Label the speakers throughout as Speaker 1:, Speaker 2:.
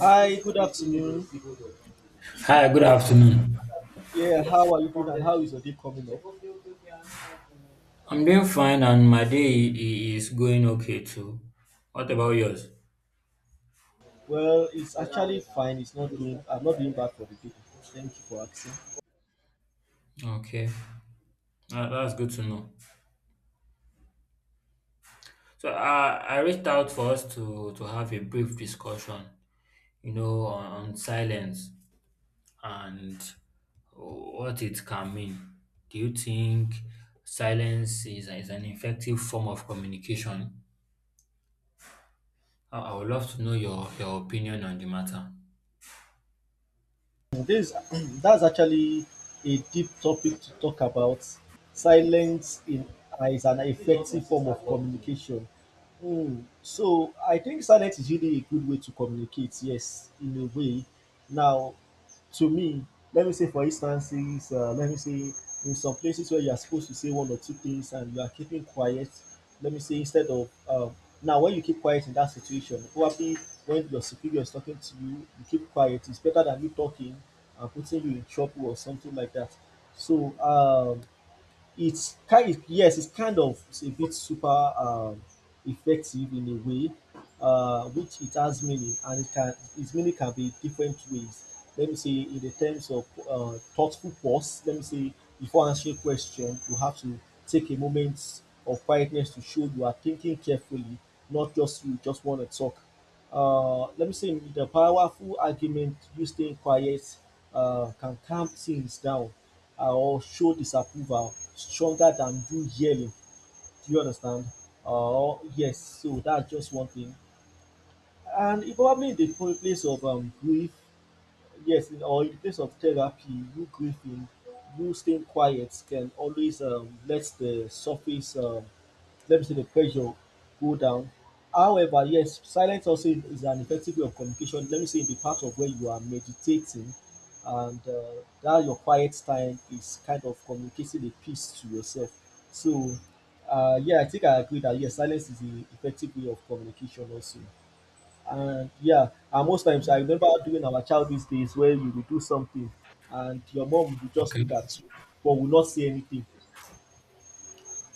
Speaker 1: Hi, good afternoon.
Speaker 2: Hi, good afternoon.
Speaker 1: Yeah, how are you doing and how is your day coming up?
Speaker 2: I'm doing fine and is going okay too. What about yours?
Speaker 1: Well, it's actually fine. It's not doing, I'm not doing bad for the day. Thank you for asking.
Speaker 2: Okay, that's good to know. So I reached out for us to have a brief discussion, you know, on silence and what it can mean. Do you think silence is an effective form of communication? I would love to know your opinion on the matter.
Speaker 1: This, that's actually a deep topic to talk about. Silence in, is an effective form of communication. Hmm, so I think silence is really a good way to communicate. Yes, in a way. Now, to me, let me say for instances, let me say, in some places where you are supposed to say one or two things and you are keeping quiet, let me say instead of now when you keep quiet in that situation, probably when your superior is talking to you, you keep quiet. It's better than you talking and putting you in trouble or something like that. So it's kind of it's a bit super effective in a way, which it has meaning and it can, its meaning can be different ways. Let me say in the terms of thoughtful pause, let me say before answering question you have to take a moment of quietness to show you are thinking carefully, not just you just want to talk. Let me say in the powerful argument, you staying quiet can calm things down or show disapproval stronger than you yelling. Do you understand? Oh. Yes, so that's just one thing. And it probably in the place of grief, yes, in, or in the place of therapy, you grieving, you staying quiet can always let the surface, let me say, the pressure go down. However, yes, silence also is an effective way of communication. Let me say in the part of where you are meditating and that your quiet time is kind of communicating a peace to yourself. So, yeah, I think I agree that yes, silence is the effective way of communication also. And yeah, and most times I remember during our childhood days where you would do something and your mom would just
Speaker 2: Okay.
Speaker 1: look at you but will not say anything,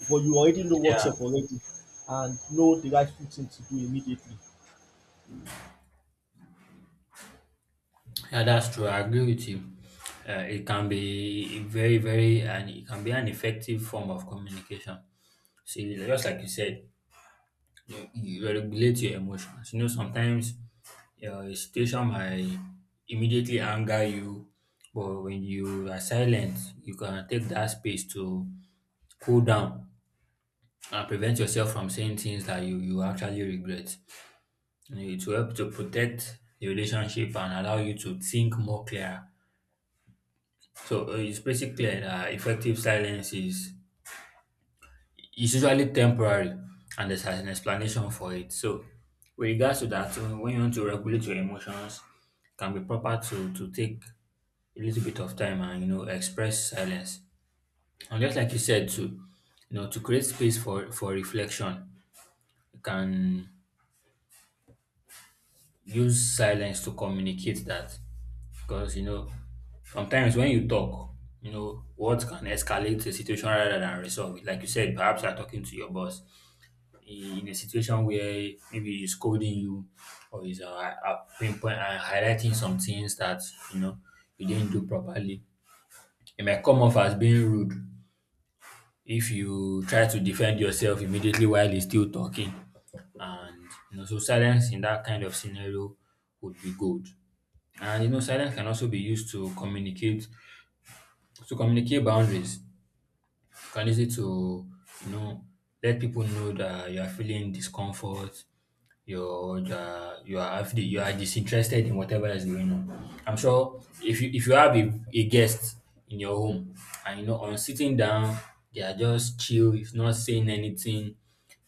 Speaker 1: but you already know what's
Speaker 2: Yeah,
Speaker 1: up already and know the rightful thing to do immediately.
Speaker 2: yeah, that's true. I agree with you. It can be very, very, and it can be an effective form of communication. See, just like you said, you regulate your emotions. You know, sometimes a situation might immediately anger you, but when you are silent, you can take that space to cool down and prevent yourself from saying things that you actually regret. You know, it will help to protect the relationship and allow you to think more clear. So it's basically an effective silence is usually temporary, and there's an explanation for it. So with regards to that, when you want to regulate your emotions, it can be proper to take a little bit of time and you know express silence. And just like you said, to you know to create space for reflection, you can use silence to communicate that, because you know sometimes when you talk, you know, words can escalate the situation rather than resolve it. Like you said, perhaps you're talking to your boss in a situation where maybe he's scolding you, or he's pinpoint highlighting some things that you know you didn't do properly. It might come off as being rude if you try to defend yourself immediately while he's still talking. And you know so silence in that kind of scenario would be good. And you know, silence can also be used to communicate, to communicate boundaries. You can use it to, you know, let people know that you are feeling discomfort, you are actually you are disinterested in whatever is going on. I'm sure if you have a guest in your home, and you know on sitting down, they are just chill, if not saying anything,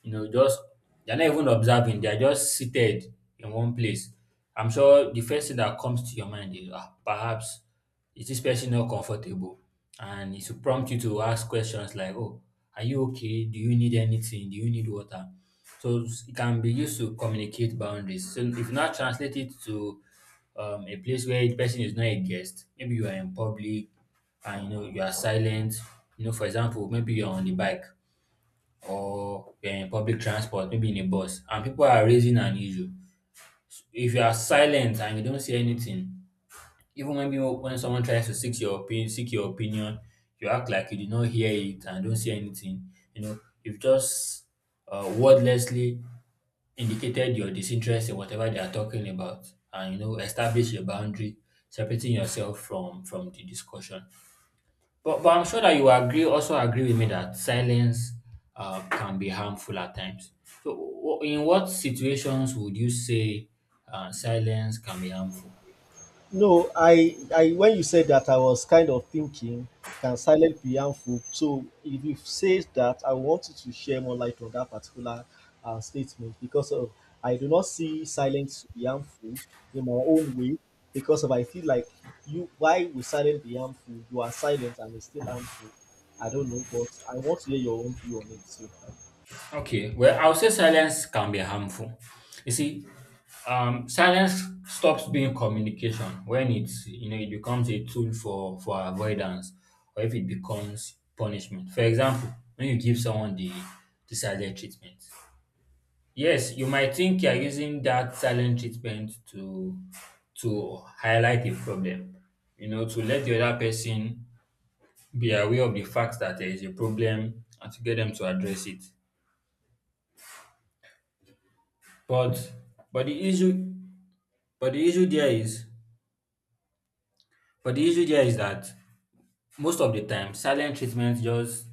Speaker 2: you know, just they're not even observing, they are just seated in one place. I'm sure the first thing that comes to your mind is ah, perhaps it is especially not comfortable? And it will prompt you to ask questions like, oh, are you okay? Do you need anything? Do you need water? So it can be used to communicate boundaries. So if not, translate it to a place where the person is not a guest, maybe you are in public, and you know you are silent. You know, for example, maybe you're on the bike, or you're in public transport, maybe in a bus, and people are raising an issue. If you are silent and you don't say anything, even when people, when someone tries to seek your opinion, you act like you did not hear it and don't see anything. You know, you've just wordlessly indicated your disinterest in whatever they are talking about, and you know, establish a boundary separating yourself from the discussion. But I'm sure that you agree, also agree with me, that silence can be harmful at times. So, in what situations would you say silence can be harmful?
Speaker 1: No, I when you said that, I was kind of thinking, can silence be harmful? So if you say that, I wanted to share more light on that particular statement because of, I do not see silence to be harmful in my own way because of I feel like, you, why will silence be harmful? You are silent and it's still harmful. I don't know, but I want to hear your own view on it too.
Speaker 2: Okay, well, I would say silence can be harmful. You see, silence stops being communication when it's you know it becomes a tool for avoidance, or if it becomes punishment. For example, when you give someone the silent treatment, yes, you might think you're using that silent treatment to highlight a problem, you know, to let the other person be aware of the fact that there is a problem and to get them to address it. But but the issue but the issue there is but the issue there is that most of the time silent treatment just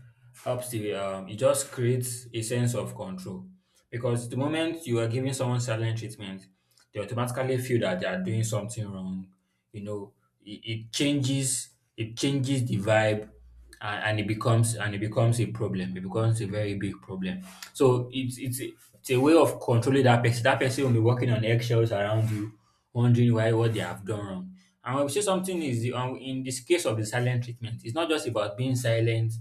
Speaker 2: helps the it just creates a sense of control, because the moment you are giving someone silent treatment, they automatically feel that they are doing something wrong. You know, it, it changes it changes the vibe, and it becomes a problem. It becomes a very big problem. So it's a way of controlling that person. That person will be walking on eggshells around you, wondering why, what they have done wrong. And when we say something is in this case of the silent treatment, it's not just about being silent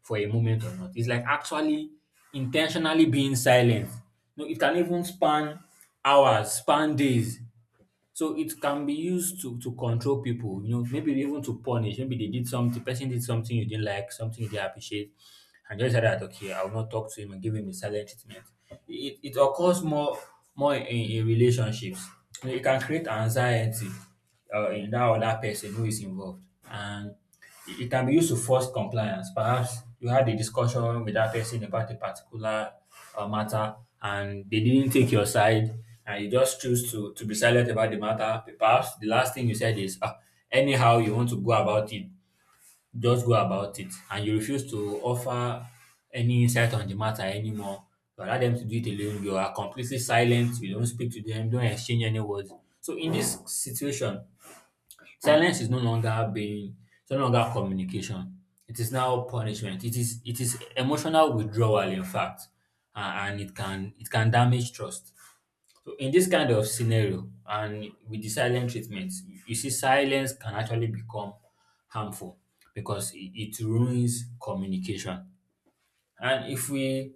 Speaker 2: for a moment or not. It's like actually intentionally being silent. No, it can even span hours, span days. So it can be used to control people, you know, maybe even to punish. Maybe they did something, the person did something you didn't like, something you didn't appreciate, and just said that okay, I will not talk to him and give him the silent treatment. It occurs more in relationships. You know, it can create anxiety in that other person who is involved, and it can be used to force compliance. Perhaps you had a discussion with that person about a particular matter, and they didn't take your side, and you just choose to be silent about the matter. Perhaps the last thing you said is, ah, anyhow you want to go about it, just go about it, and you refuse to offer any insight on the matter anymore. You allow them to do it alone. You are completely silent. You don't speak to them. Don't exchange any words. So in this situation, silence is no longer being, it's no longer communication. It is now punishment. It is emotional withdrawal, in fact, a- and it can damage trust. So in this kind of scenario, and with the silent treatment, you see silence can actually become harmful because it ruins communication. And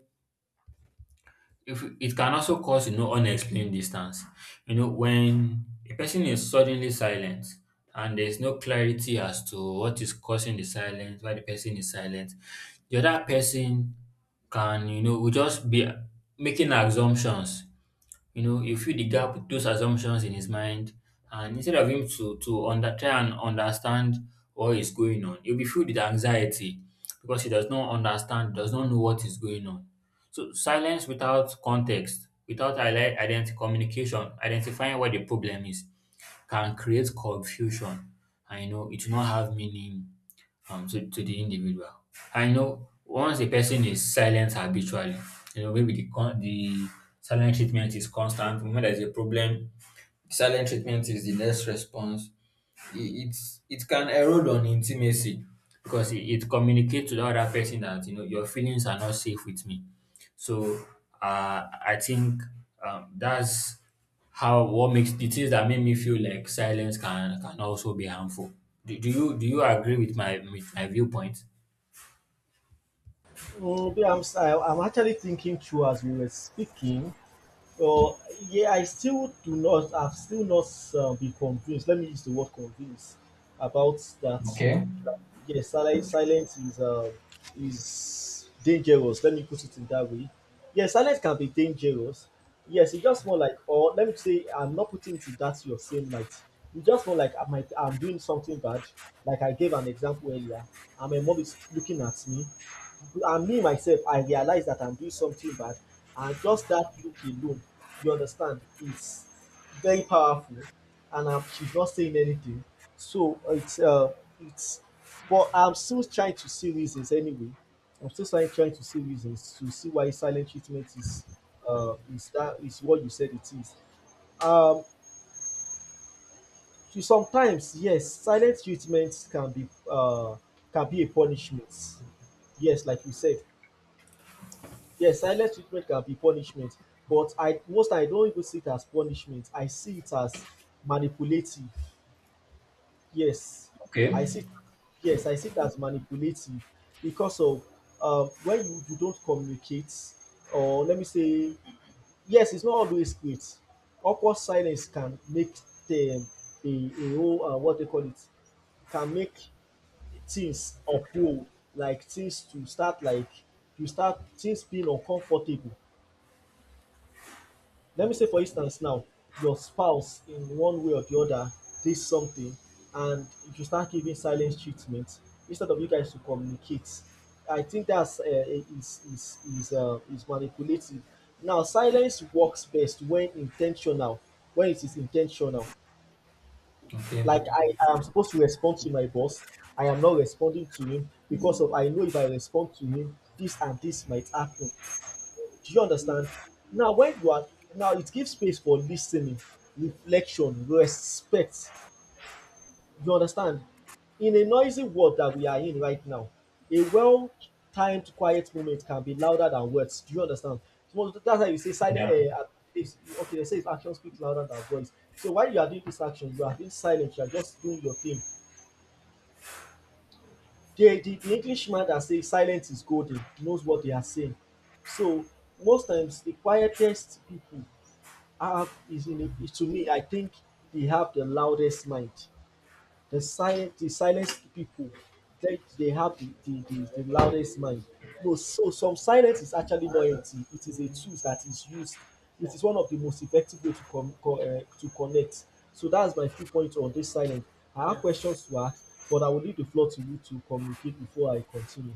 Speaker 2: if we- it can also cause you know unexplained distance. You know, when a person is suddenly silent, and there's no clarity as to what is causing the silence, why the person is silent, the other person can, you know, will just be making assumptions. You know, you fill the gap with those assumptions in his mind, and instead of him to try and understand what is going on, he'll be filled with anxiety because he does not understand, does not know what is going on. So silence without context, without identity communication, identifying what the problem is, can create confusion, and you know it will not have meaning to the individual. I know, once a person is silent habitually, you know, maybe the silent treatment is constant. When there's a problem, silent treatment is the next response. It it's it can erode on intimacy because it communicates to the other person that you know your feelings are not safe with me. So I think that's how what makes the things that make me feel like silence can also be harmful. Do you agree with my viewpoint?
Speaker 1: Yeah, I'm actually thinking through as we were speaking. Oh yeah, I still do not, I've still not been convinced. Let me use the word convinced about that.
Speaker 2: Okay.
Speaker 1: Like, yeah, silence is dangerous. Let me put it in that way. Yeah, silence can be dangerous. Yes, it's just more like, or let me say, I'm not putting it in that your same light. It's just more like I might, I'm doing something bad. Like I gave an example earlier, and my mom is looking at me, and me myself, I realize that I'm doing something bad, and just that look alone, you understand, it's very powerful and she's not saying anything, so it's but I'm still trying to see reasons anyway. I'm still trying to see reasons to see why silent treatment is that is what you said it is. um to sometimes yes silent treatment can be a punishment, yes, like you said. Yes, silent treatment can be punishment, but I most I don't even see it as punishment. I see it as manipulative. Yes,
Speaker 2: Okay.
Speaker 1: I see. It, yes, I see it as manipulative because of, when you don't communicate, or let me say, yes, it's not always great. Awkward silence can make them a whole what they call it, can make things uphold, like things to start, like to start things being uncomfortable. Let me say, for instance, now your spouse, in one way or the other, did something, and if you start giving silence treatment instead of you guys to communicate, I think that's is manipulative. Now, silence works best when intentional, when it is intentional.
Speaker 2: Okay.
Speaker 1: Like I am supposed to respond to my boss, I am not responding to him because of I know if I respond to him, this and this might happen. Do you understand? Now, when you are, now, it gives space for listening, reflection, respect. You understand? In a noisy world that we are in right now, a well timed quiet moment can be louder than words. Do you understand? So that's why you say silent.
Speaker 2: Yeah.
Speaker 1: Is, okay, they say if action speaks louder than voice. So while you are doing this action, you are being silent. You are just doing your thing. The Englishman that says silence is golden knows what they are saying. So most times the quietest people have is in is to me I think they have the loudest mind. The silent people, they have the loudest mind. No, so some silence is actually loyalty. It is a tool that is used. It is one of the most effective way to to connect. So that's my few points on this silence. I have questions to ask, but I will leave the floor to you to communicate before I continue.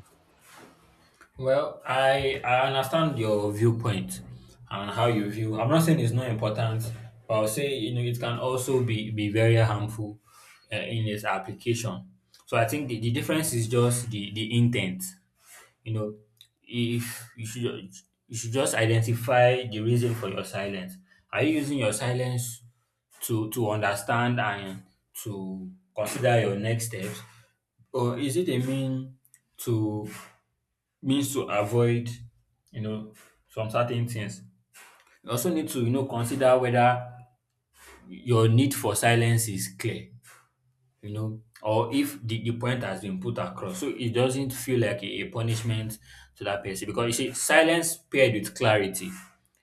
Speaker 2: Well, I understand your viewpoint and how you view. I'm not saying it's not important, but I'll say you know it can also be very harmful in its application. So I think the difference is just the intent. You know, if you should ju- you should just identify the reason for your silence. Are you using your silence to understand and to consider your next steps, or is it a to means to avoid you know some certain things. You also need to you know consider whether your need for silence is clear, you know, or if the point has been put across. So it doesn't feel like a punishment to that person, because you see, silence paired with clarity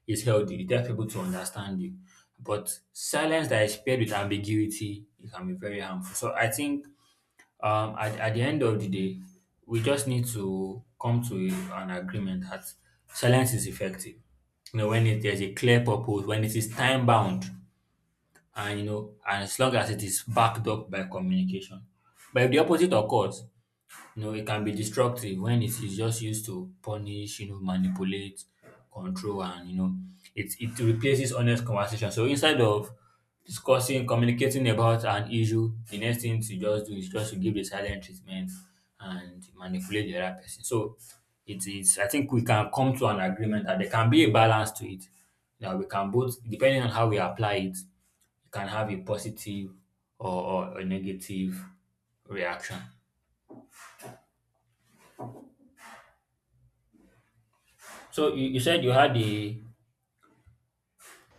Speaker 2: is healthy. It helps people to understand you. But silence that is paired with ambiguity, it can be very harmful. So I think at the end of the day we just need to come to an agreement that silence is effective, you know, when it, there's a clear purpose, when it is time bound, and you know and as long as it is backed up by communication. But if the opposite occurs, you know, it can be destructive when it is just used to punish, you know, manipulate, control, and you know, it replaces honest conversation. So instead of discussing, communicating about an issue, the next thing to just do is just to give the silent treatment and manipulate the other person. So it is, I think we can come to an agreement that there can be a balance to it. That we can both depending on how we apply it, you can have a positive or a negative reaction. So you said you had a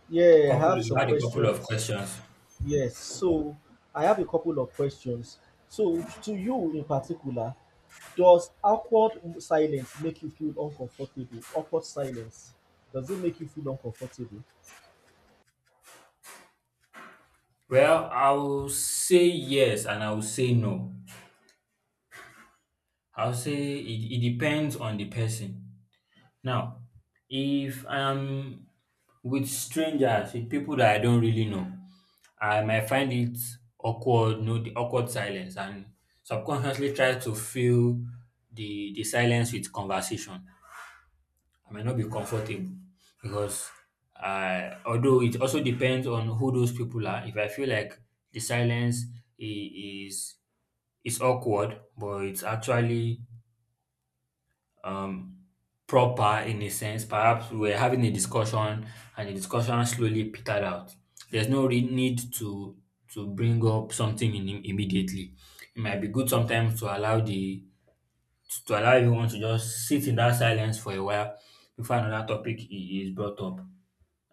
Speaker 1: Yeah, I
Speaker 2: couple
Speaker 1: have
Speaker 2: you
Speaker 1: some
Speaker 2: had a couple of
Speaker 1: questions.
Speaker 2: questions.
Speaker 1: Yes, so I have a couple of questions. So, to you in particular, does awkward silence make you feel uncomfortable? Awkward silence, does it make you feel uncomfortable?
Speaker 2: Well, I will say yes and I will say no. I'll say it depends on the person. Now, if I'm with strangers, with people that I don't really know, I might find it awkward, no the awkward silence and subconsciously try to fill the silence with conversation. I might not be comfortable because although it also depends on who those people are. If I feel like the silence is is awkward, but it's actually um, proper in a sense. Perhaps we're having a discussion, and the discussion slowly petered out. There's no need to bring up something immediately. It might be good sometimes to allow the to allow everyone to just sit in that silence for a while before another topic is brought up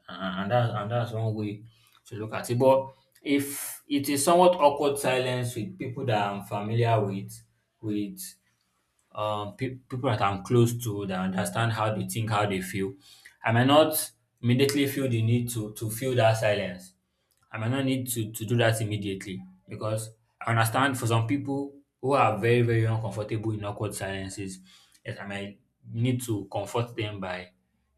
Speaker 2: and that's one way to look at it. But if it is somewhat awkward silence with people that I'm familiar with people that I'm close to, that understand how they think, how they feel, I may not immediately feel the need to feel that silence. I might not need to do that immediately because I understand for some people who are very, very uncomfortable in awkward silences, yes, I might need to comfort them by,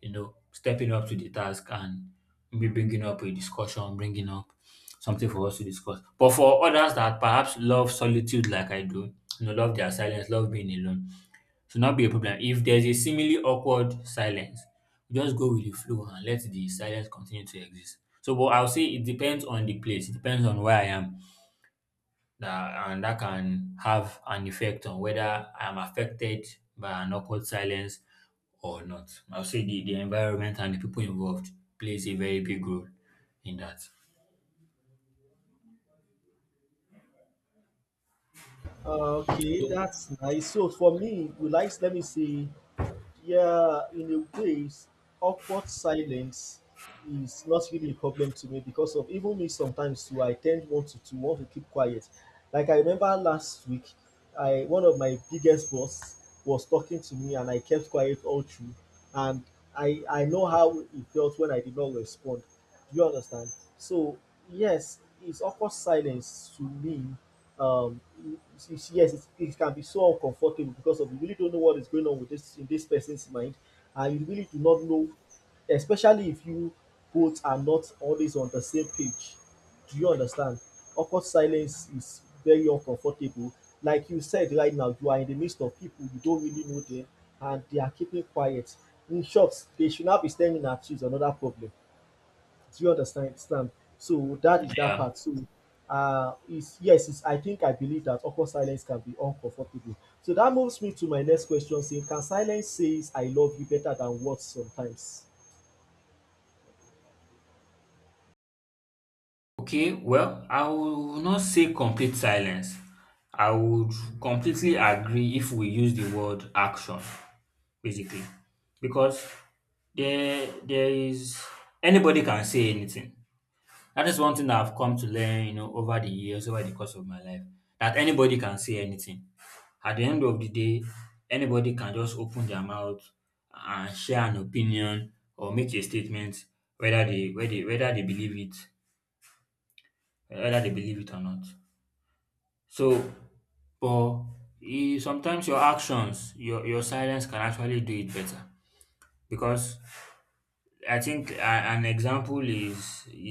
Speaker 2: you know, stepping up to the task and maybe bringing up a discussion, bringing up something for us to discuss. But for others that perhaps love solitude like I do, you know, love their silence, love being alone, should not be a problem. If there's a seemingly awkward silence, just go with the flow and let the silence continue to exist. So, but I'll say it depends on the place, it depends on where I am, that, and that can have an effect on whether I'm affected by an awkward silence or not. I'll say the environment and the people involved plays a very big role in that.
Speaker 1: Okay,
Speaker 2: So,
Speaker 1: that's nice. So, for me, will I, let me see. Yeah, in a ways, awkward silence is not really a problem to me because of even me sometimes too, I tend want to want to keep quiet. Like I remember last week, I one of my biggest boss was talking to me and I kept quiet all through. And I know how it felt when I did not respond. Do you understand? So yes, it's awkward silence to me, um yes, it can be so uncomfortable because of you really don't know what is going on with this in this person's mind, and you really do not know, especially if you both are not always on the same page. Do you understand? Awkward silence is very uncomfortable. Like you said, right now you are in the midst of people, you don't really know them, and they are keeping quiet. In short, they should not be staring at you is another problem. Do you understand? Stand? So that is that
Speaker 2: yeah.
Speaker 1: part. So is, yes, is I think I believe that awkward silence can be uncomfortable. So that moves me to my next question saying, can silence says I love you better than words sometimes?
Speaker 2: Okay, well, I will not say complete silence. I would completely agree if we use the word action, basically, because there is anybody can say anything. That is one thing that I've come to learn, you know, over the years, over the course of my life, that anybody can say anything. At the end of the day, anybody can just open their mouth and share an opinion or make a statement, whether they believe it or not. So, but sometimes your actions, your silence can actually do it better because I think an example is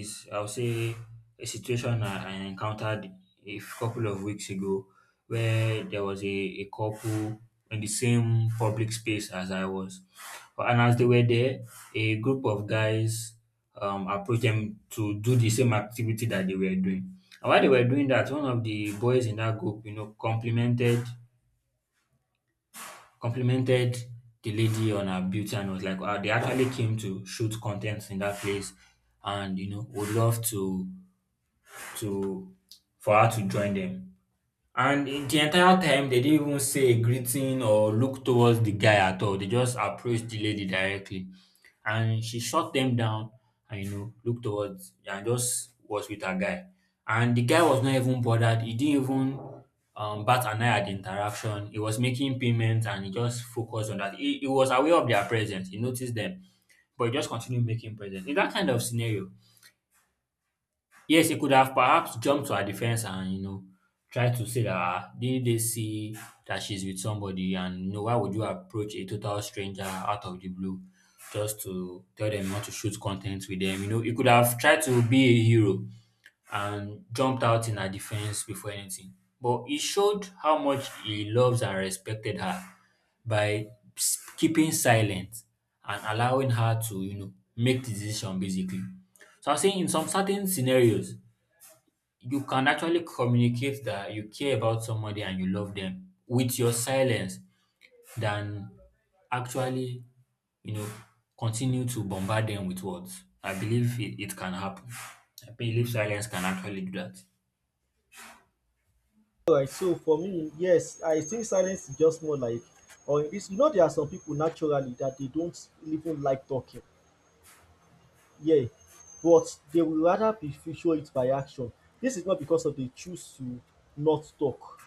Speaker 2: is I'll say a situation I encountered a couple of weeks ago where there was a couple in the same public space as I was. And as they were there, a group of guys approached them to do the same activity that they were doing. And while they were doing that, one of the boys in that group, you know, complimented the lady on her beauty and was like, wow, they actually came to shoot contents in that place and you know would love to for her to join them. And in the entire time, they didn't even say a greeting or look towards the guy at all. They just approached the lady directly. And she shot them down and, you know, looked towards and just was with her guy. And the guy was not even bothered. He didn't even bat an eye at the interaction. He was making payments and he just focused on that. He was aware of their presence. He noticed them, but he just continued making presents. In that kind of scenario, yes, he could have perhaps jumped to her defense and, you know, tried to say that, ah, didn't they see that she's with somebody? And, you know, why would you approach a total stranger out of the blue just to tell them not to shoot content with them? You know, he could have tried to be a hero and jumped out in her defense before anything. But he showed how much he loves and respected her by keeping silent and allowing her to, you know, make the decision basically. So I'm saying in some certain scenarios, you can actually communicate that you care about somebody and you love them with your silence than actually, you know, continue to bombard them with words. I believe it can happen. I believe silence can actually do that.
Speaker 1: Alright, so for me, yes, I think silence is just more like, or it's, you know, there are some people naturally that they don't even like talking. Yeah. But they will rather be show it by action. This is not because of they choose to not talk,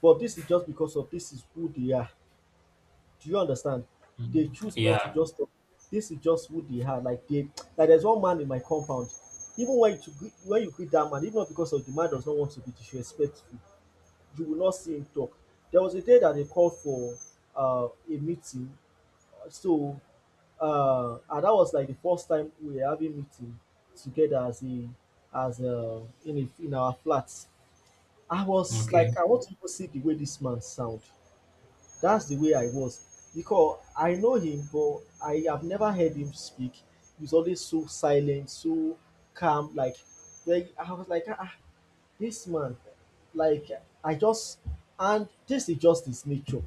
Speaker 1: but this is just because of this is who they are. Do you understand? They
Speaker 2: Mm.
Speaker 1: choose not to
Speaker 2: Yeah.
Speaker 1: just talk. This is just who they are. Like they, like there's one man in my compound. Even when you when you greet that man, even not because of the man does not want to be disrespectful, you will not see him talk. There was a day that they called for a meeting. So and that was like the first time we were having meeting together as a, in our flats. I was like,
Speaker 2: Okay.
Speaker 1: I want to even see the way this man sound. That's the way I was because I know him, but I have never heard him speak. He's always so silent, so calm. Like, very, I was like, ah, ah, this man, like, I just, and this is just his nature.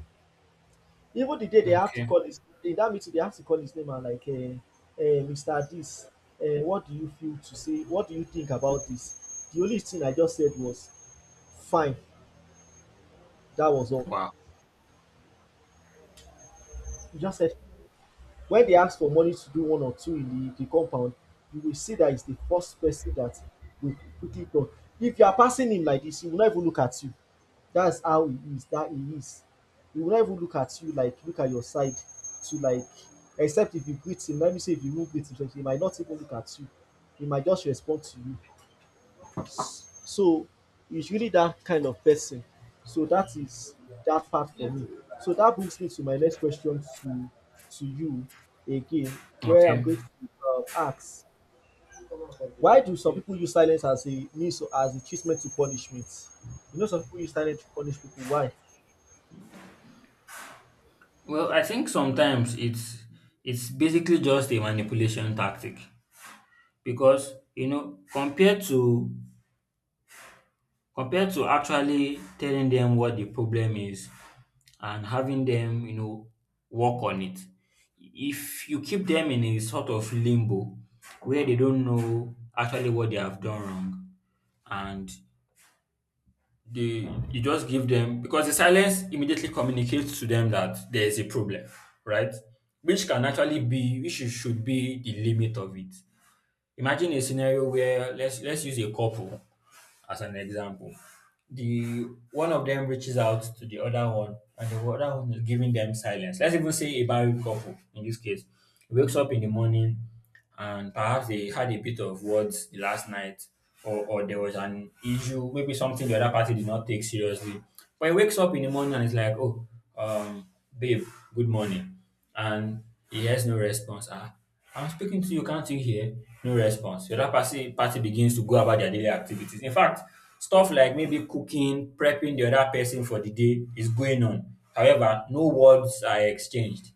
Speaker 1: Even the day they have to
Speaker 2: Okay.
Speaker 1: call his, in that meeting, they have to call his name and like, Mr. This, what do you feel to say? What do you think about this? The only thing I just said was, fine. That was all.
Speaker 2: Wow.
Speaker 1: He just said, when they ask for money to do one or two in the compound, you will see that he's the first person that will quickly talk. If you are passing him like dis, he will not even look at you. That's how he is that he is. He will not even look at you, like look at your side to like, except if you greet him. Let me say if you even greet him sef, he might not even look at you. He might just respond to you. So it's really that kind of person. So that is that part for me. So that brings me to my next question to you again, where I'm
Speaker 2: Okay.
Speaker 1: going to ask, why do some people use silence as a means as a treatment to punishment? You know, some people use silence to punish people. Why?
Speaker 2: Well, I think sometimes it's basically just a manipulation tactic because you know Compared to actually telling them what the problem is and having them, you know, work on it. If you keep them in a sort of limbo where they don't know actually what they have done wrong and they you just give them because the silence immediately communicates to them that there is a problem, right? Which can actually be which should be the limit of it. Imagine a scenario where let's use a couple as an example. The one of them reaches out to the other one, and the other one is giving them silence. Let's even say a married couple in this case wakes up in the morning and perhaps they had a bit of words the last night, or there was an issue, maybe something the other party did not take seriously. But he wakes up in the morning and it's like, oh, um, babe, good morning and he hears no response. Ah, I'm speaking to you, can't you hear? No response. The other party begins to go about their daily activities. In fact, stuff like maybe cooking, prepping the other person for the day is going on. However, no words are exchanged.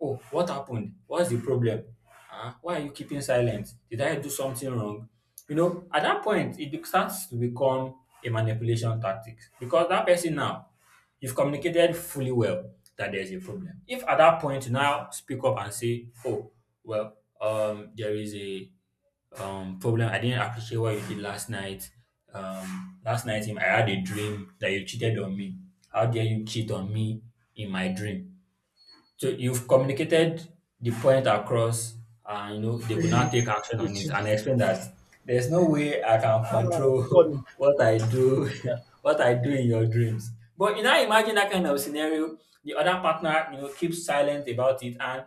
Speaker 2: Oh, what happened? What's the problem? Ah, why are you keeping silent? Did I do something wrong? You know, at that point, it starts to become a manipulation tactic because that person now you've communicated fully well that there's a problem. If at that point you now speak up and say, oh, well, there is a problem. I didn't appreciate what you did last night. Last night I had a dream that you cheated on me. How dare you cheat on me in my dream? So you've communicated the point across, and you know they could not take action on
Speaker 1: It's
Speaker 2: it and explain that there's no way I can control
Speaker 1: Funny.
Speaker 2: what I do, what I do in your dreams. But you know, imagine that kind of scenario. The other partner, you know, keeps silent about it, and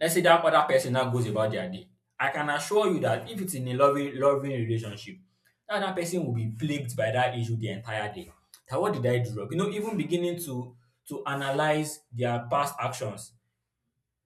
Speaker 2: let's say that other person now goes about their day. I can assure you that if it's in a loving, loving relationship, that other person will be plagued by that issue the entire day. That what did I do wrong? You know, even beginning to analyze their past actions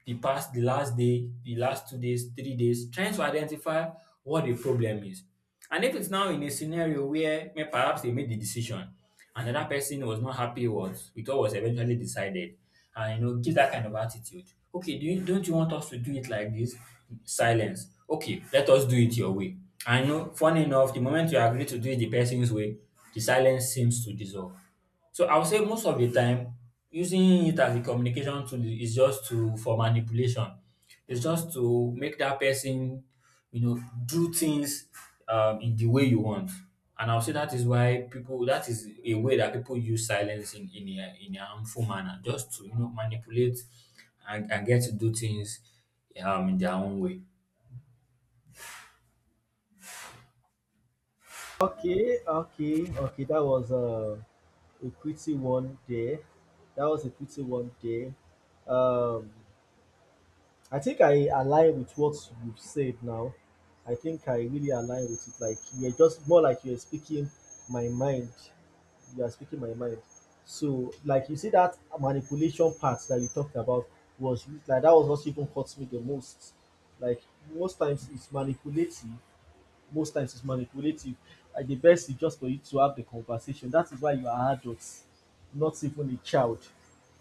Speaker 2: the past, the last day, the last 2 days, 3 days, trying to identify what the problem is. And if it's now in a scenario where perhaps they made the decision, another person was not happy with what was eventually decided, and you know, give that kind of attitude. Okay, do you, don't you want us to do it like this? Silence. Okay, let us do it your way. I know, funny enough, the moment you agree to do it the person's way, the silence seems to dissolve. So I would say most of the time, using it as a communication tool is just to for manipulation. It's just to make that person, you know, do things in the way you want. And I'll say that is why people that is a way that people use silence in a harmful manner, just to you know manipulate and get to do things in their own way.
Speaker 1: Okay, okay, okay. That was a pretty one there. That was a pretty one there. Um, I think I align with what you've said now. I think I really align with it. Like you're just more like you're speaking my mind. You are speaking my mind. So like you see that manipulation part that you talked about was like that was what even hurts me the most. Like most times it's manipulative, most times it's manipulative, and the best is just for you to have the conversation. That is why you are adults, not even a child.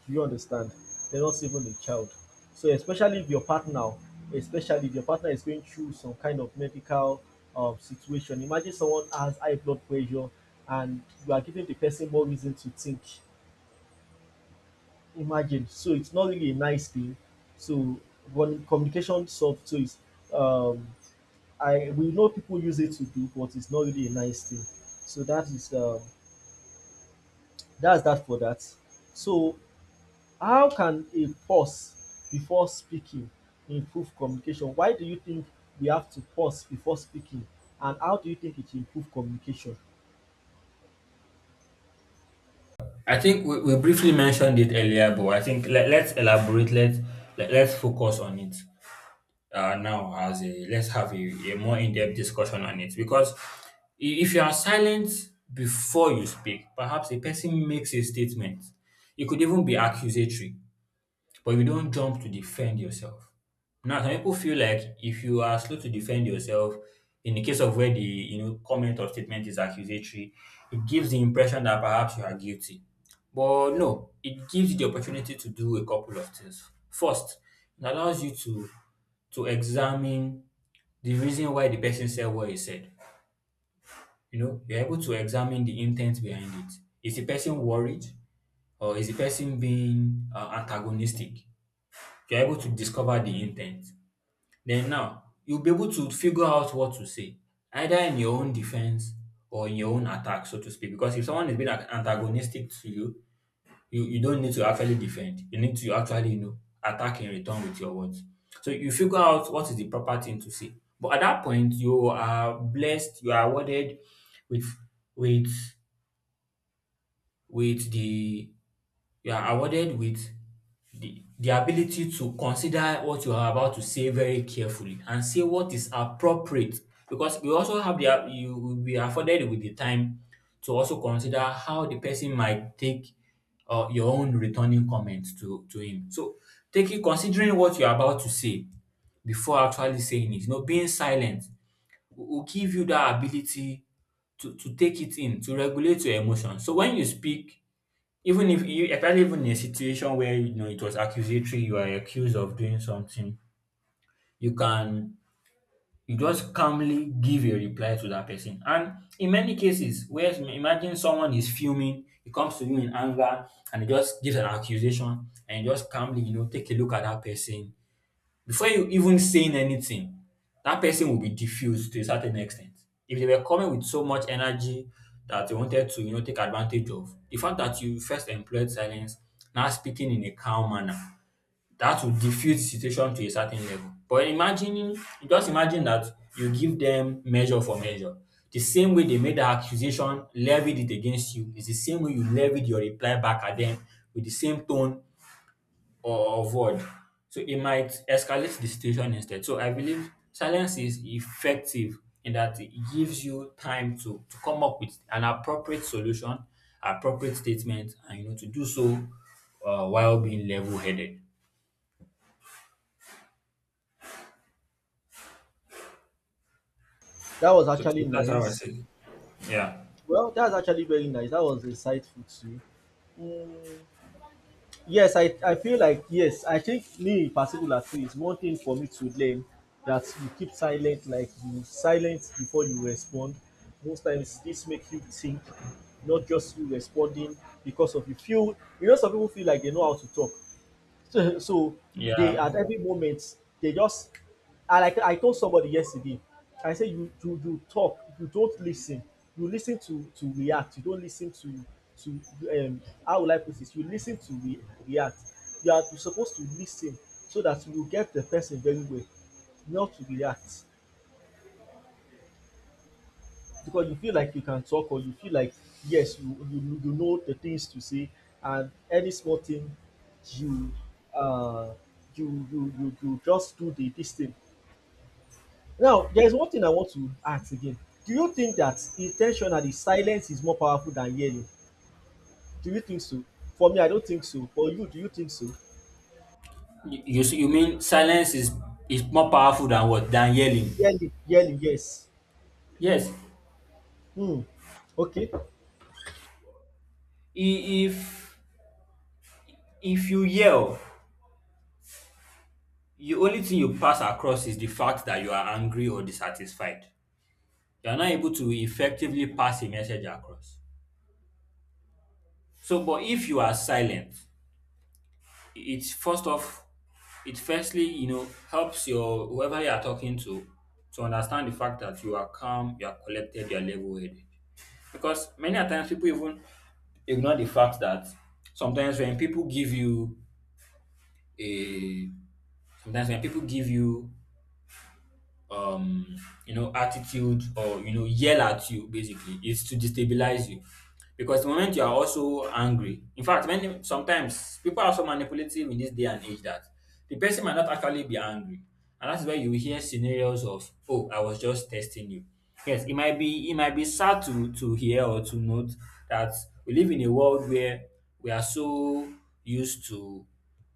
Speaker 1: Do you understand? They are not even a child. So especially if your partner, especially if your partner is going through some kind of medical situation. Imagine someone has high blood pressure and you are giving the person more reason to think. Imagine. So it's not really a nice thing. So one communication soft, so it's um I, we know people use it to do, but it's not really a nice thing. So that is that's that for that. So how can a pause before speaking improve communication? Why do you think we have to pause before speaking, and how do you think it improve communication?
Speaker 2: I think we briefly mentioned it earlier, but I think let's elaborate. Let's focus on it. Now as a let's have a more in-depth discussion on it because if you are silent before you speak perhaps a person makes a statement it could even be accusatory but you don't jump to defend yourself. Now, some people feel like if you are slow to defend yourself, in the case of where the you know comment or statement is accusatory, it gives the impression that perhaps you are guilty. But no, it gives you the opportunity to do a couple of things. First, it allows you to examine the reason why the person said what he said. You know, you're able to examine the intent behind it. Is the person worried or is the person being antagonistic? You're able to discover the intent. Then now, you'll be able to figure out what to say, either in your own defense or in your own attack, so to speak. Because if someone is being antagonistic to you, you don't need to actually defend. You need to actually, you know, attack in return with your words. So you figure out what is the proper thing to say. But at that point, you are blessed, you are awarded with with with the you are awarded with the ability to consider what you are about to say very carefully and say what is appropriate because you also have the you will be afforded with the time to also consider how the person might take your own returning comment to him. So taking, considering what you're about to say before actually saying it, you know, being silent will give you that ability to take it in, to regulate your emotions, so when you speak, even if you, especially even in a situation where, you know, it was accusatory, you are accused of doing something, you can, you just calmly give a reply to that person. And in many cases, where imagine someone is fuming, he comes to you in anger and he just gives an accusation and you just calmly, you know, take a look at that person, before you even saying anything, that person will be diffused to a certain extent. If they were coming with so much energy that they wanted to, you know, take advantage of, the fact that you first employed silence, now speaking in a calm manner, that will diffuse the situation to a certain level. But imagine, just imagine that you give them measure for measure. The same way they made the accusation, levied it against you, is the same way you levied your reply back at them with the same tone or avoid. So it might escalate the situation instead. So I believe silence is effective in that it gives you time to, come up with an appropriate solution, appropriate statement, and you know, to do so while being level-headed.
Speaker 1: That was
Speaker 2: So,
Speaker 1: actually
Speaker 2: so that's how I
Speaker 1: nice.
Speaker 2: say. It. Yeah,
Speaker 1: Well, that's actually very nice. That was insightful too. Yes, I feel like yes, I think me in particular too is one thing for me to learn that you keep silent, like you silent before you respond. Most times this make you think, not just you responding because of you feel, you know, some people feel like they know how to talk. So, so they
Speaker 2: yeah.
Speaker 1: at every moment they just, and like I told somebody yesterday, I said you talk, you don't listen. You listen to react. You don't listen to how will I put this? You listen to react. You are you supposed to listen so that you will get the person very well, not to react, because you feel like you can talk, or you feel like yes you know the things to say, and any small thing you uh you just do the this thing. Now there is one thing I want to ask again. Do you think that intentionally silence is more powerful than yelling? Do you think so? For me I don't think so. For you, do you think so?
Speaker 2: You see- you mean silence is more powerful than what, than yelling?
Speaker 1: Yelling, yelling, yes.
Speaker 2: Yes.
Speaker 1: Hmm. Okay.
Speaker 2: I- If if you yell, the only thing you pass across is the fact that you are angry or dissatisfied. You are not able to effectively pass a message across. So, but if you are silent, it first off, it firstly, you know, helps your whoever you are talking to understand the fact that you are calm, you are collected, you are level headed. Because many a times people even ignore the fact that sometimes when people give you a sometimes when people give you um you know, attitude or you know yell at you basically is to destabilize you, because the moment you are also angry, in fact many, sometimes people are so manipulative in this day and age that the person might not actually be angry, and that's where you hear scenarios of, oh, I was just testing you. Yes, it might be, it might be sad to hear or to note that we live in a world where we are so used to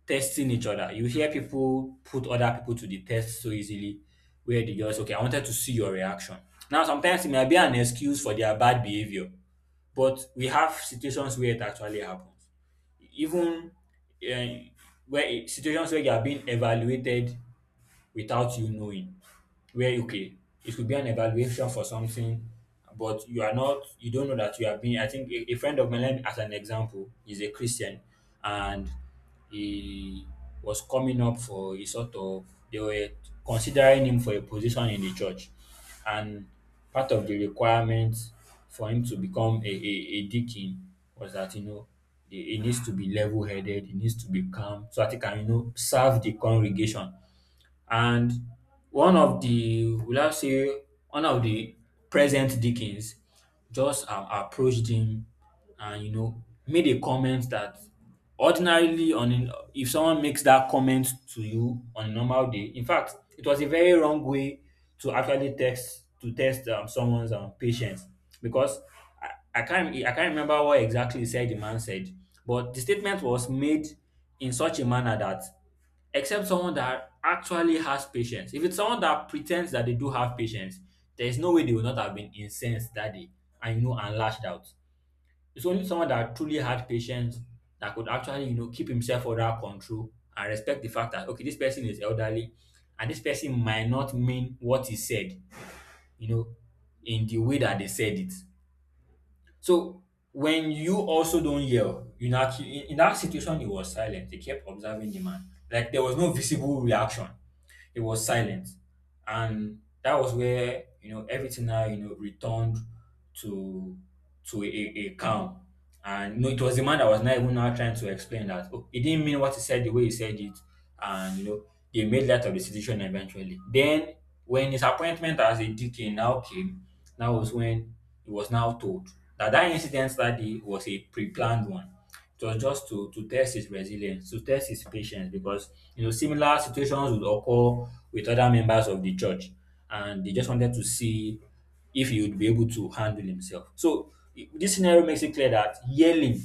Speaker 2: testing each other. You hear people put other people to the test so easily, where they just, okay, I wanted to see your reaction. Now, sometimes it may be an excuse for their bad behavior, but we have situations where it actually happens. Even uh, where situations where you are being evaluated without you knowing, where, okay, it could be an evaluation for something, but you are not, you don't know that you have been. I think a friend of mine, as an example, is a Christian, and he was coming up for a sort of, they were considering him for a position in the church, and part of the requirement for him to become a deacon was that, you know, he needs to be level-headed, he needs to be calm, so that he can, you know, serve the congregation. And one of the will I say one of the present Dickens just approached him and you know made a comment that ordinarily, if someone makes that comment to you on a normal day, in fact it was a very wrong way to actually test, to test someone's patience, because I can't, I can't remember what exactly he said the man said, but the statement was made in such a manner that, except someone that actually has patience. If it's someone that pretends that they do have patience, there is no way they would not have been incensed that day and, you know, and lashed out. It's only someone that truly had patience that could actually, you know, keep himself under control and respect the fact that, okay, this person is elderly and this person might not mean what he said, you know, in the way that they said it. So when you also don't yell, you know, in that situation, he was silent. He kept observing the man. Like there was no visible reaction. He was silent, and that was where, you know, everything now, you know, returned to to a calm. And you know, it was the man that was not even now trying to explain that. Oh, he didn't mean what he said the way he said it, and you know, they made light of the situation eventually. Then when his appointment as a deacon now came, that was when he was now told that that incident that day was a pre-planned one. It was just to test his resilience, to test his patience, because you know similar situations would occur with other members of the church, and they just wanted to see if he would be able to handle himself. So this scenario makes it clear that yelling,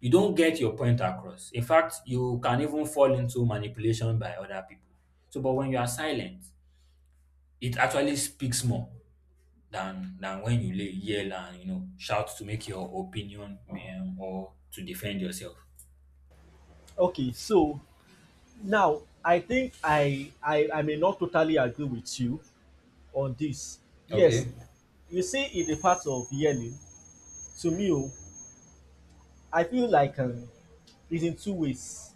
Speaker 2: you don't get your point across. In fact, you can even fall into manipulation by other people. So, but when you are silent, it actually speaks more than when you yell and you know shout to make your opinion or to defend yourself.
Speaker 1: Okay, so now I think I may not totally agree with you on dis. Yes,
Speaker 2: Okay.
Speaker 1: you see in the part of healing, to me o, I feel like it's in two ways.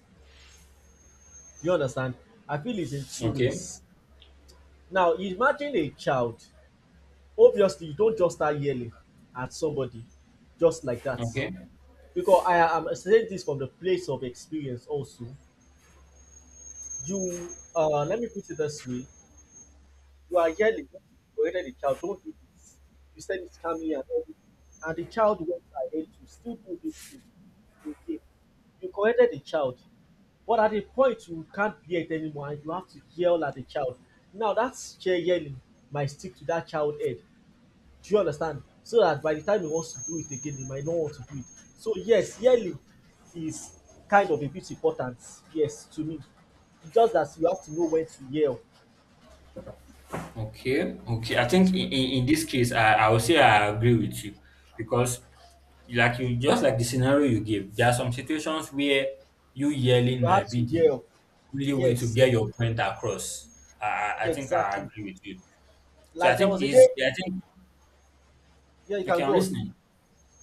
Speaker 1: You understand? I feel it's in two
Speaker 2: Okay,
Speaker 1: ways. Now imagine a child, obviously you don't just start yelling at somebody just like dat,
Speaker 2: okay,
Speaker 1: because I am saying dis from the place of experience also. You let me put it dis way. You are yelling, corrected the child, don't do this. You said it calmly and everything. And the child went ahead to still do this thing again. You corrected the child, but at a point you can't hear it anymore and you have to yell at the child. Now that chair yelling might stick to that child head. Do you understand? So that by the time he wants to do it again, he might not want to do it. So yes, yelling is kind of a bit important, yes, to me. It's just that you have to know when to yell.
Speaker 2: okay. I think
Speaker 1: So
Speaker 2: in this case, I will say I agree with you because, like you, just like the scenario you gave, there are some situations where you yelling
Speaker 1: you have
Speaker 2: might be
Speaker 1: to
Speaker 2: the
Speaker 1: yell.
Speaker 2: only way to
Speaker 1: Yes,
Speaker 2: get your point across. I
Speaker 1: yeah,
Speaker 2: think I
Speaker 1: exactly.
Speaker 2: agree with you. So I
Speaker 1: Like there
Speaker 2: think
Speaker 1: was a
Speaker 2: is,
Speaker 1: day,
Speaker 2: yeah, I think
Speaker 1: yeah, you
Speaker 2: okay.
Speaker 1: can
Speaker 2: I'm
Speaker 1: go on.
Speaker 2: listening.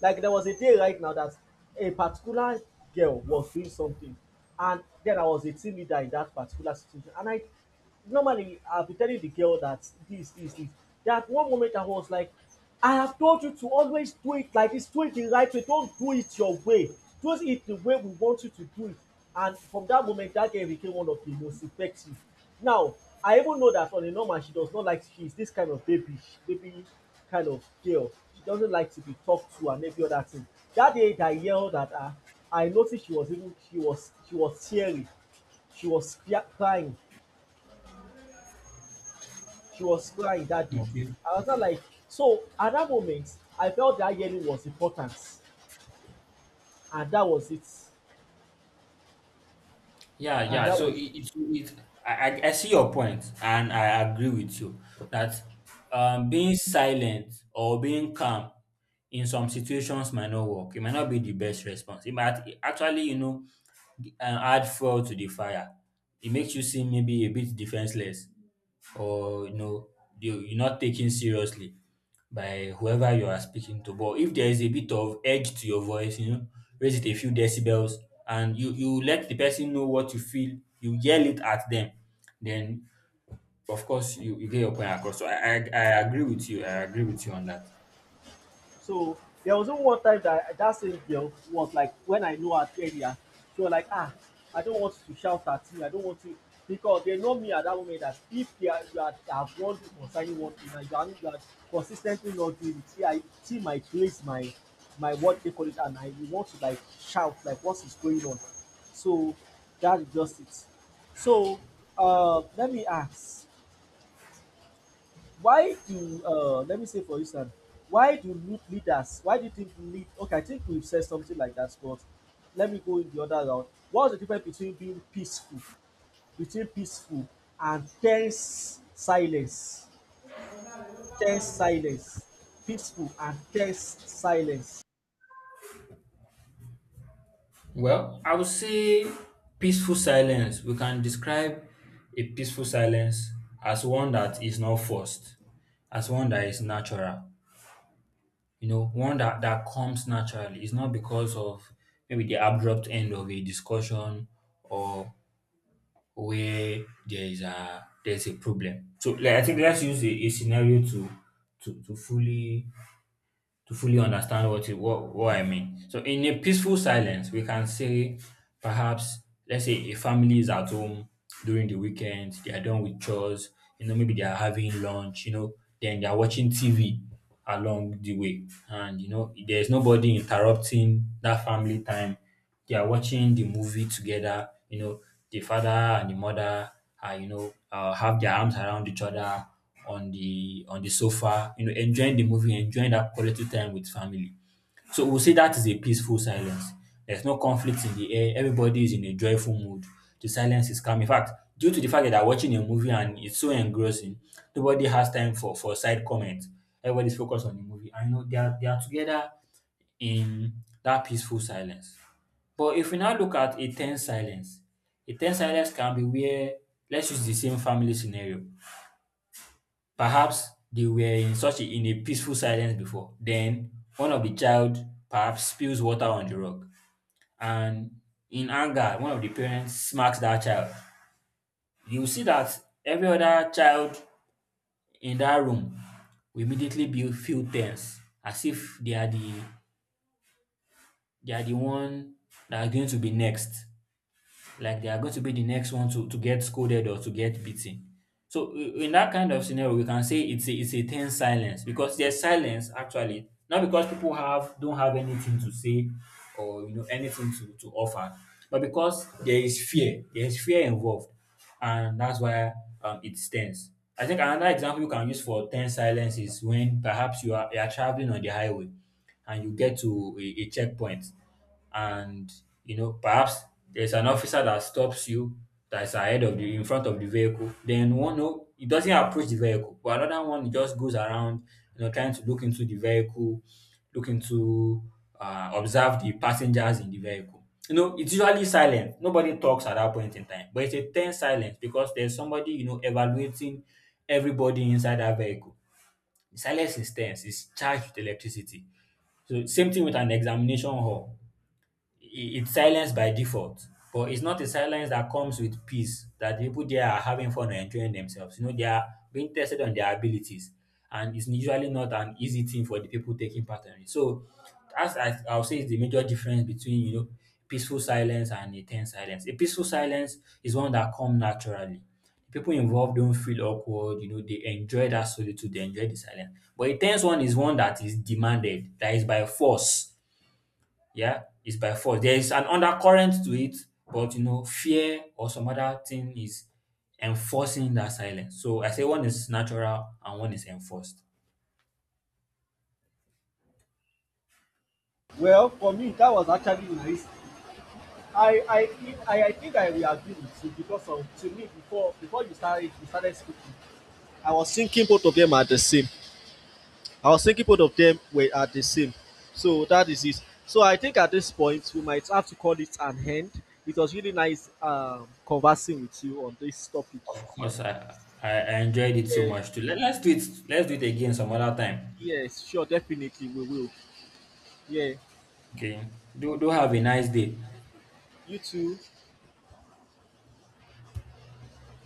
Speaker 1: Like there was a day right now that a particular girl was doing something, and then I was a team leader in that particular situation. And I normally I'll be telling the girl that this, this, this. That one moment I was like, I have told you to always do it like this, do it the right way, don't do it your way. Do it the way we want you to do it. And from that moment, that girl became one of the most effective. Now, I even know that on a normal she does not like, she is this kind of baby kind of girl. She doesn't like to be talked to and every other thing. That day that I yelled at her, I noticed she was, even she was, she was teary. She was crying. She was crying that day.
Speaker 2: Okay.
Speaker 1: I was not like, so at that moment I felt that yelling was important, and that was it.
Speaker 2: Yeah,
Speaker 1: And
Speaker 2: yeah.
Speaker 1: that
Speaker 2: So
Speaker 1: was it.
Speaker 2: it I see your point, and I agree with you that being silent or being calm in some situations might not work. It might not be the best response. It might actually, you know, add fuel to the fire. It makes you seem maybe a bit defenseless, or you know, you're not taken seriously by whoever you are speaking to. But if there is a bit of edge to your voice, you know, raise it a few decibels and you let the person know what you feel, you yell it at them, then of course you get your point across. So I agree with you. I agree with you on that.
Speaker 1: So there was even one time that that same girl was like, when I knew her earlier, she was like, ah, I don't want to shout at you. I don't want to, because they know me at that moment, that if they are, you are have one to consign one thing and you are consistently not doing it, see, I see my place, my what they call it, and I want to like shout like what is going on. So that is just it. So let me ask, why do let me say for instance, why do youth leaders, why do you think lead, okay I think we've said something like that, but let me go in the other round. What's the difference between being peaceful, between peaceful and tense silence, tense silence, peaceful and tense silence?
Speaker 2: Well, I would say peaceful silence. We can describe a peaceful silence as one that is not forced, as one that is natural. You know, one that, that comes naturally. It's not because of maybe the abrupt end of a discussion or where there is a there's a problem. So like, I think let's use a scenario to to to fully to fully understand what you what I mean. So in a peaceful silence, we can say perhaps, let's say a family is at home during the weekend, they are done with chores, you know, maybe they are having lunch, you know, then they are watching TV along the way. And you know, there's nobody interrupting that family time, they are watching the movie together. You know, the father and the mother are, you know, have their arms around each other on the sofa. You know, enjoying the movie, enjoying that quality time with family. So we'll say that is a peaceful silence. There's no conflict in the air. Everybody is in a joyful mood. The silence is calm. In fact, due to the fact that they're watching a movie and it's so engrossing, nobody has time for, side comments. Everybody's focused on the movie. And you know, they are together in that peaceful silence. But if we now look at a tense silence can be where, let's use the same family scenario. Perhaps they were in such in a peaceful silence before. Then one of the child perhaps spills water on the rock, and in anger, one of the parents smacks that child. You will see that every other child in that room will immediately be, feel tense, as if they are the one that are going to be next, like they are going to be the next one to, get scolded or to get beaten. So in that kind of scenario, we can say it's it's a tense silence because there's silence actually not because people have, don't have anything to say or you know anything to, offer, but because there is fear involved, and that's why it's tense. I think another example you can use for tense silence is when perhaps you are traveling on the highway and you get to a checkpoint, and you know perhaps there's an officer that stops you that's ahead of the, in front of the vehicle, then one, no, he doesn't approach the vehicle, but another one just goes around, you know, trying to look into the vehicle, looking to observe the passengers in the vehicle. You know, it's usually silent, nobody talks at that point in time, but it's a tense silence because there's somebody, you know, evaluating everybody inside that vehicle. The silence is tense, it's charged with electricity. So same thing with an examination hall. It's silence by default, but it's not a silence that comes with peace, that the people there are having fun and enjoying themselves. You know, they are being tested on their abilities, and it's usually not an easy thing for the people taking part in it. So as I'll say, is the major difference between, you know, peaceful silence and a tense silence. A peaceful silence is one that comes naturally, people involved don't feel awkward, you know, they enjoy that solitude, they enjoy the silence, but a tense one is one that is demanded, that is by force. Yeah, it's by force. There is an undercurrent to it, but you know, fear or some other thing is enforcing that silence. So I say one is natural and one is enforced.
Speaker 1: Well for me that was actually nice. I I think I will agree with you because of, to me, before you started speaking, I was thinking both of them are the same. I was thinking both of them were at the same. So that is it. So I think at this point we might have to call it an end. It was really nice conversing with you on this topic.
Speaker 2: Of course, I I enjoyed it so
Speaker 1: Yeah,
Speaker 2: much too. Let's do it. Let's do it again some other time.
Speaker 1: yes, sure, definitely we will. Yeah,
Speaker 2: Okay. Do have a nice day.
Speaker 1: you too.